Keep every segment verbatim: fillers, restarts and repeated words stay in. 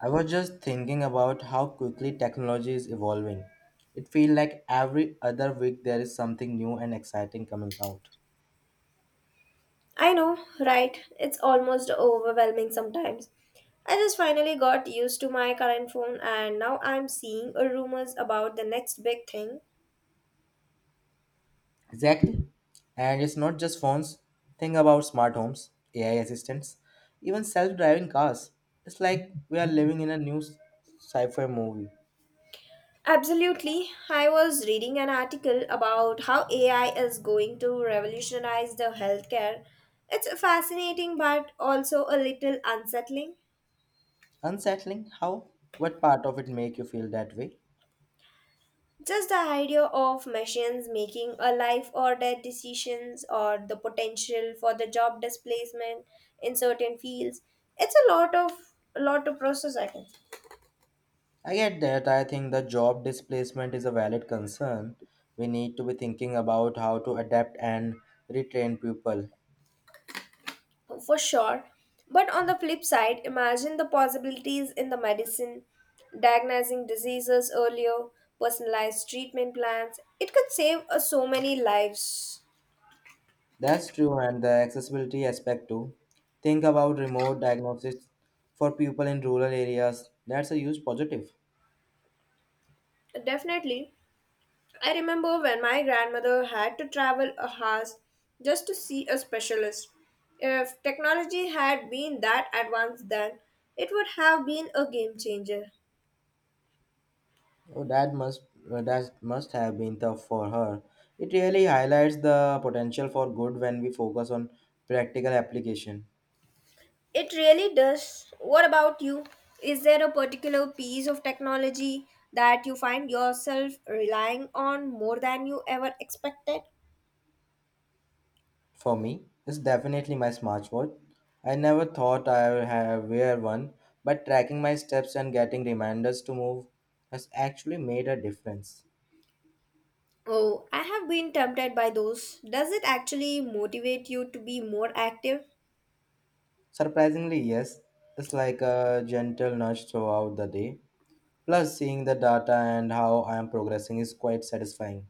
I was just thinking about how quickly technology is evolving. It feels like every other week there is something new and exciting coming out. I know, right? It's almost overwhelming sometimes. I just finally got used to my current phone and now I'm seeing a rumors about the next big thing. Exactly. And it's not just phones. Think about smart homes, A I assistants, even self-driving cars. It's like we are living in a new sci-fi movie. Absolutely. I was reading an article about how A I is going to revolutionize the healthcare. It's fascinating but also a little unsettling. Unsettling how? What part of it make you feel that way? Just the idea of machines making a life or death decisions or the potential for the job displacement in certain fields, it's a lot of a lot to process I think, I get that. I think the job displacement is a valid concern. We need to be thinking about how to adapt and retrain people. for sure. But on the flip side, imagine the possibilities in the medicine, diagnosing diseases earlier, personalized treatment plans. It could save uh, so many lives. That's true, and the accessibility aspect too. Think about remote diagnosis for people in rural areas. That's a huge positive. Definitely I remember when my grandmother had to travel a house just to see a specialist. If technology had been that advanced then, it would have been a game changer. Oh, that must uh, that must have been tough for her. It really highlights the potential for good when we focus on practical application. It really does. What about you? Is there a particular piece of technology that you find yourself relying on more than you ever expected? For me, it's definitely my smartwatch. I never thought I would have wear one, but tracking my steps and getting reminders to move has actually made a difference. Oh, I have been tempted by those. Does it actually motivate you to be more active? Surprisingly, yes, it's like a gentle nudge throughout the day. Plus, seeing the data and how I am progressing is quite satisfying.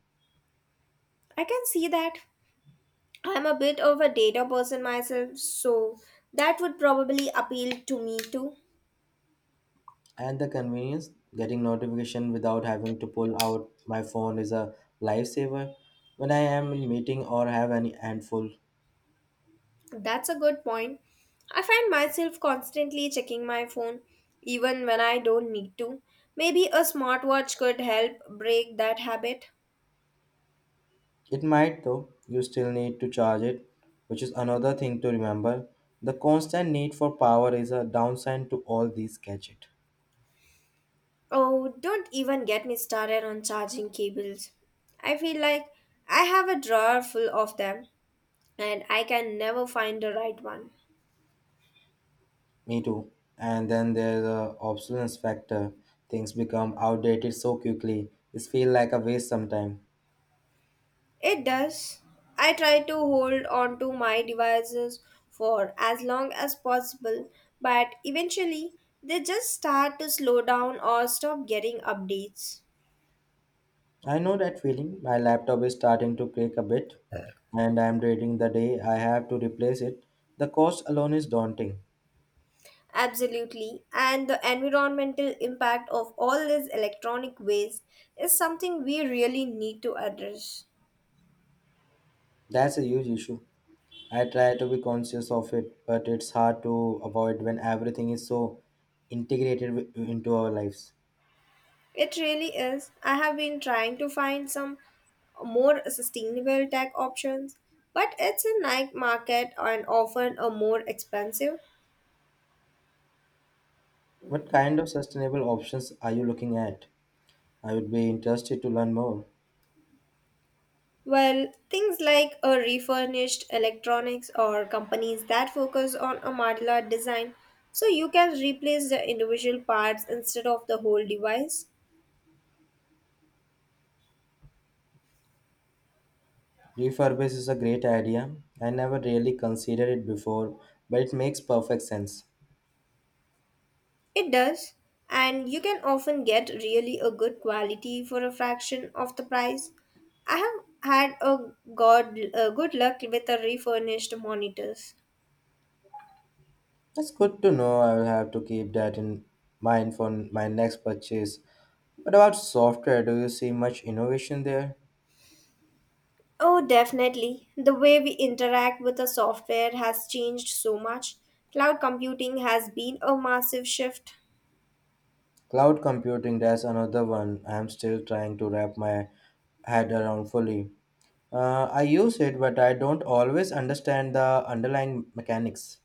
I can see that. I'm a bit of a data person myself, so that would probably appeal to me too. And the convenience, getting notification without having to pull out my phone is a lifesaver when I am in meeting or have any handful. That's a good point. I find myself constantly checking my phone, even when I don't need to. Maybe a smartwatch could help break that habit. It might though, you still need to charge it, which is another thing to remember. The constant need for power is a downside to all these gadgets. Oh, don't even get me started on charging cables. I feel like I have a drawer full of them, and I can never find the right one. Me too. And then there's the obsolescence factor. Things become outdated so quickly. It feels like a waste sometimes. It does. I try to hold on to my devices for as long as possible, but eventually they just start to slow down or stop getting updates. I know that feeling. My laptop is starting to crack a bit, and I'm dreading the day I have to replace it. The cost alone is daunting. Absolutely, and the environmental impact of all this electronic waste is something we really need to address. That's a huge issue. I try to be conscious of it, but it's hard to avoid when everything is so integrated wi- into our lives. It really is. I have been trying to find some more sustainable tech options, but it's a night market and often a more expensive. What kind of sustainable options are you looking at? I would be interested to learn more. Well, things like a refurbished electronics or companies that focus on a modular design so you can replace the individual parts instead of the whole device. Refurbish is a great idea. I never really considered it before, but it makes perfect sense. It does, and you can often get really a good quality for a fraction of the price. I have had a god a good luck with the refurnished monitors. That's good to know. I will have to keep that in mind for my next purchase. What about software, do you see much innovation there? Oh, definitely. The way we interact with the software has changed so much. Cloud computing has been a massive shift. Cloud computing, that's another one I'm still trying to wrap my head around fully. Uh, I use it, but I don't always understand the underlying mechanics.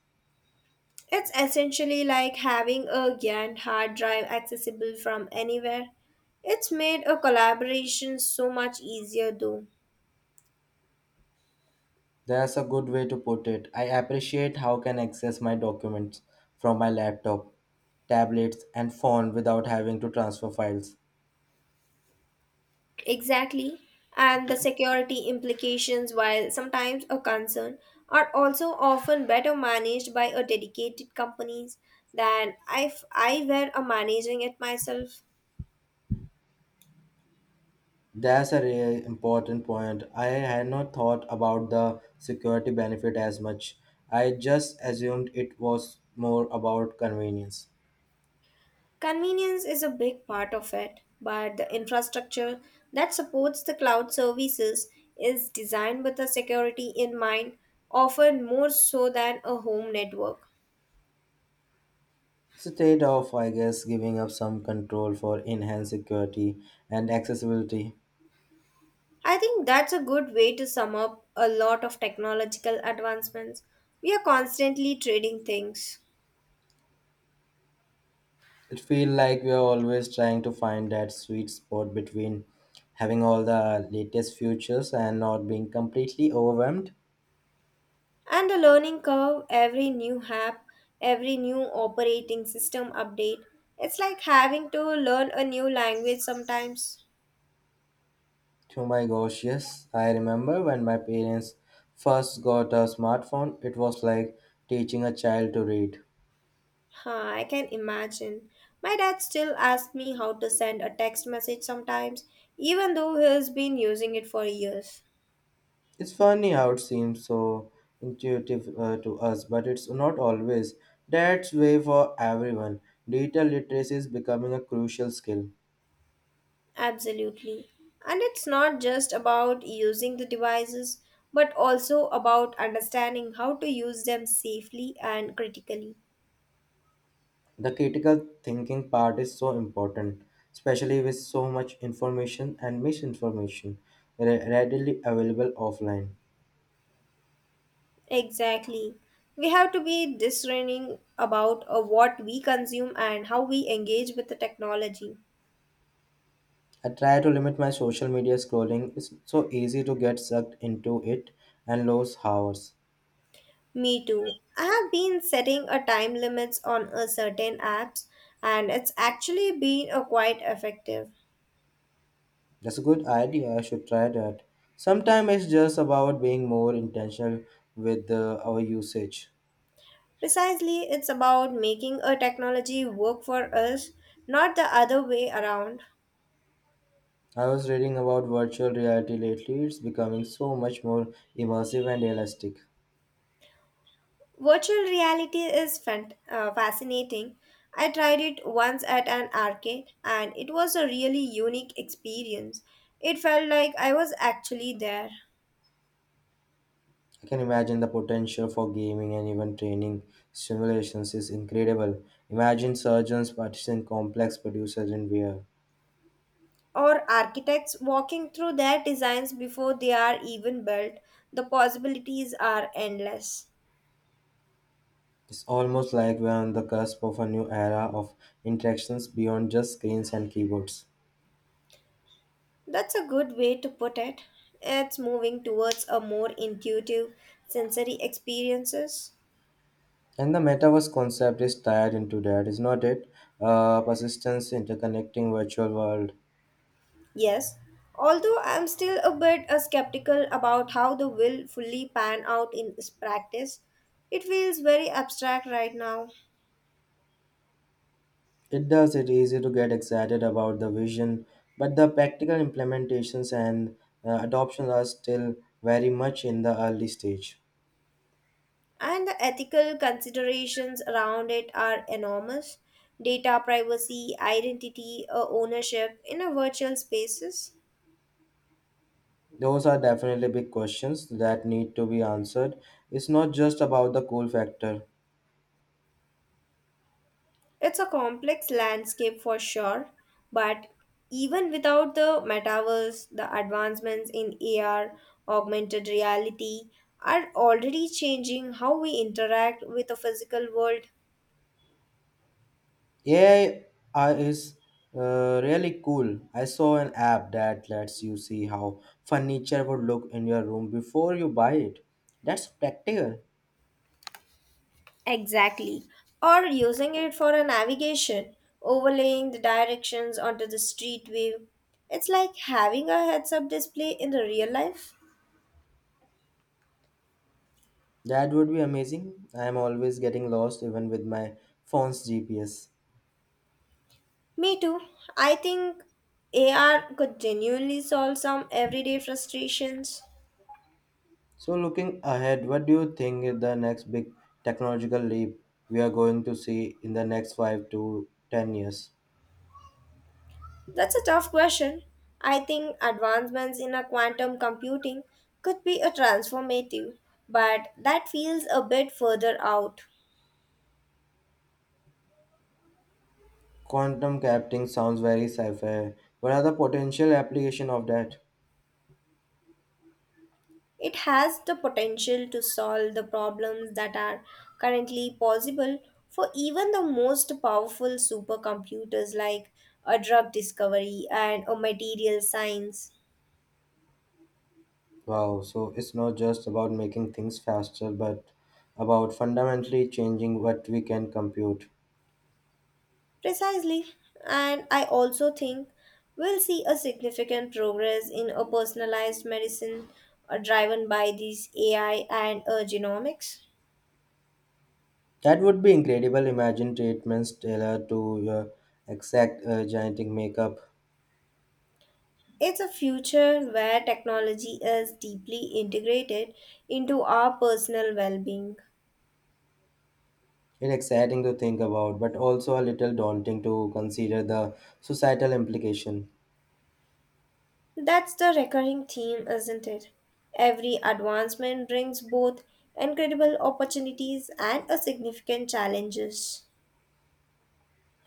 It's essentially like having a G A N hard drive accessible from anywhere. It's made a collaboration so much easier though. That's a good way to put it. I appreciate how can access my documents from my laptop, tablets, and phone without having to transfer files. Exactly. And the security implications, while sometimes a concern, are also often better managed by a dedicated companies than if I were a managing it myself. That's a really important point. I had not thought about the security benefit as much. I just assumed it was more about convenience. Convenience is a big part of it, but the infrastructure that supports the cloud services is designed with the security in mind, often more so than a home network. It's a trade off, I guess, giving up some control for enhanced security and accessibility. I think that's a good way to sum up a lot of technological advancements. We are constantly trading things. It feels like we are always trying to find that sweet spot between having all the latest features and not being completely overwhelmed. And the learning curve, every new app, every new operating system update, it's like having to learn a new language sometimes. Oh my gosh, yes, I remember when my parents first got a smartphone, it was like teaching a child to read. Huh, I can imagine. My dad still asks me how to send a text message sometimes, even though he's been using it for years. It's funny how it seems so intuitive uh, to us, but it's not always. That's way for everyone. Digital literacy is becoming a crucial skill. Absolutely. And it's not just about using the devices, but also about understanding how to use them safely and critically. The critical thinking part is so important, especially with so much information and misinformation re- readily available offline. Exactly. We have to be discerning about uh, what we consume and how we engage with the technology. I try to limit my social media scrolling. It's so easy to get sucked into it and lose hours. Me too. I have been setting a time limits on a certain apps and it's actually been a quite effective. That's a good idea. I should try that. Sometimes it's just about being more intentional with uh, our usage. Precisely, it's about making a technology work for us, not the other way around. I was reading about virtual reality lately. It's becoming so much more immersive and realistic. Virtual reality is fan- uh, fascinating. I tried it once at an arcade and it was a really unique experience. It felt like I was actually there. I can imagine the potential for gaming and even training simulations is incredible. Imagine surgeons practicing complex procedures in V R. Or architects walking through their designs before they are even built, the possibilities are endless. It's almost like we're on the cusp of a new era of interactions beyond just screens and keyboards. That's a good way to put it. It's moving towards a more intuitive sensory experiences. And the metaverse concept is tied into that, is not it? Uh, persistence interconnecting virtual world. Yes, although I'm still a bit uh, skeptical about how the will fully pan out in this practice, it feels very abstract right now. It does it easy to get excited about the vision, but the practical implementations and uh, adoptions are still very much in the early stage. And the ethical considerations around it are enormous data privacy, identity, uh, ownership in a virtual spaces. Those are definitely big questions that need to be answered. It's not just about the cool factor. It's a complex landscape for sure, but even without the metaverse, the advancements in A R, augmented reality are already changing how we interact with the physical world. A I is uh, really cool. I saw an app that lets you see how furniture would look in your room before you buy it. That's practical. Or using it for a navigation, overlaying the directions onto the street view. It's like having a heads up display in the real life. That would be amazing. I am always getting lost even with my phone's G P S. Me too. I think A R could genuinely solve some everyday frustrations. So, looking ahead, what do you think is the next big technological leap we are going to see in the next five to ten years? That's a tough question. I think advancements in a quantum computing could be a transformative, but that feels a bit further out. Quantum computing sounds very sci fi. What are the potential application of that? It has the potential to solve the problems that are currently possible for even the most powerful supercomputers like a drug discovery and a material science. Wow, so it's not just about making things faster, but about fundamentally changing what we can compute. Precisely. And I also think we'll see a significant progress in a personalized medicine uh, driven by these A I and uh, genomics. That would be incredible. Imagine treatments tailored to your exact uh, genetic makeup. It's a future where technology is deeply integrated into our personal well being. It's exciting to think about, but also a little daunting to consider the societal implication. That's the recurring theme, isn't it? Every advancement brings both incredible opportunities and a significant challenges.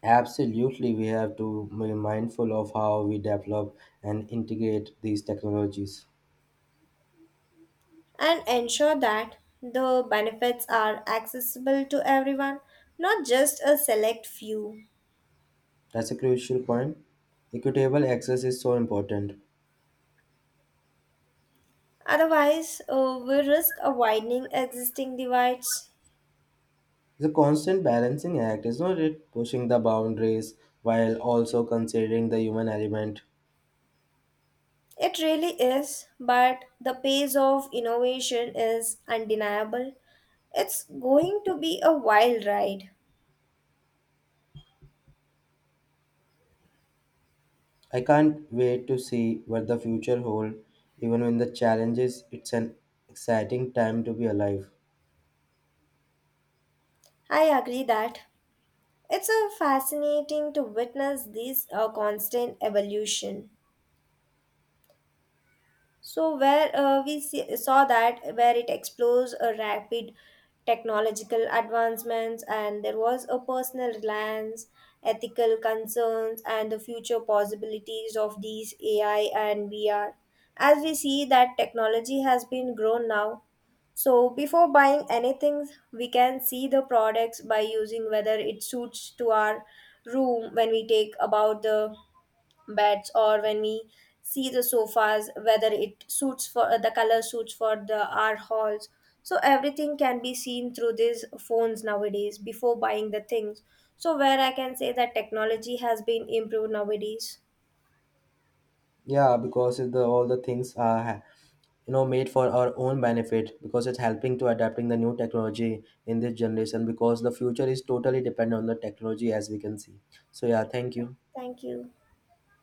Absolutely, we have to be mindful of how we develop and integrate these technologies. And ensure that the benefits are accessible to everyone, not just a select few. That's a crucial point. Equitable access is so important. Otherwise, uh, we risk a widening existing divides. The constant balancing act, isn't it? Pushing the boundaries while also considering the human element. It really is, but the pace of innovation is undeniable. It's going to be a wild ride. I can't wait to see what the future holds, even when the challenges, it's an exciting time to be alive. I agree that it's a fascinating to witness this uh, constant evolution. So, where uh, we see, saw that, where it explores a rapid technological advancements, and there was a personal reliance, ethical concerns, and the future possibilities of these A I and V R. As we see that technology has been grown now, so before buying anything, we can see the products by using whether it suits to our room when we take about the beds or when we see the sofas, whether it suits for the color suits for the our halls. So everything can be seen through these phones nowadays before buying the things. So where I can say that technology has been improved nowadays. Yeah, because if the, all the things are ha- you know made for our own benefit because it's helping to adapting the new technology in this generation because the future is totally dependent on the technology as we can see. So yeah, thank you. Thank you.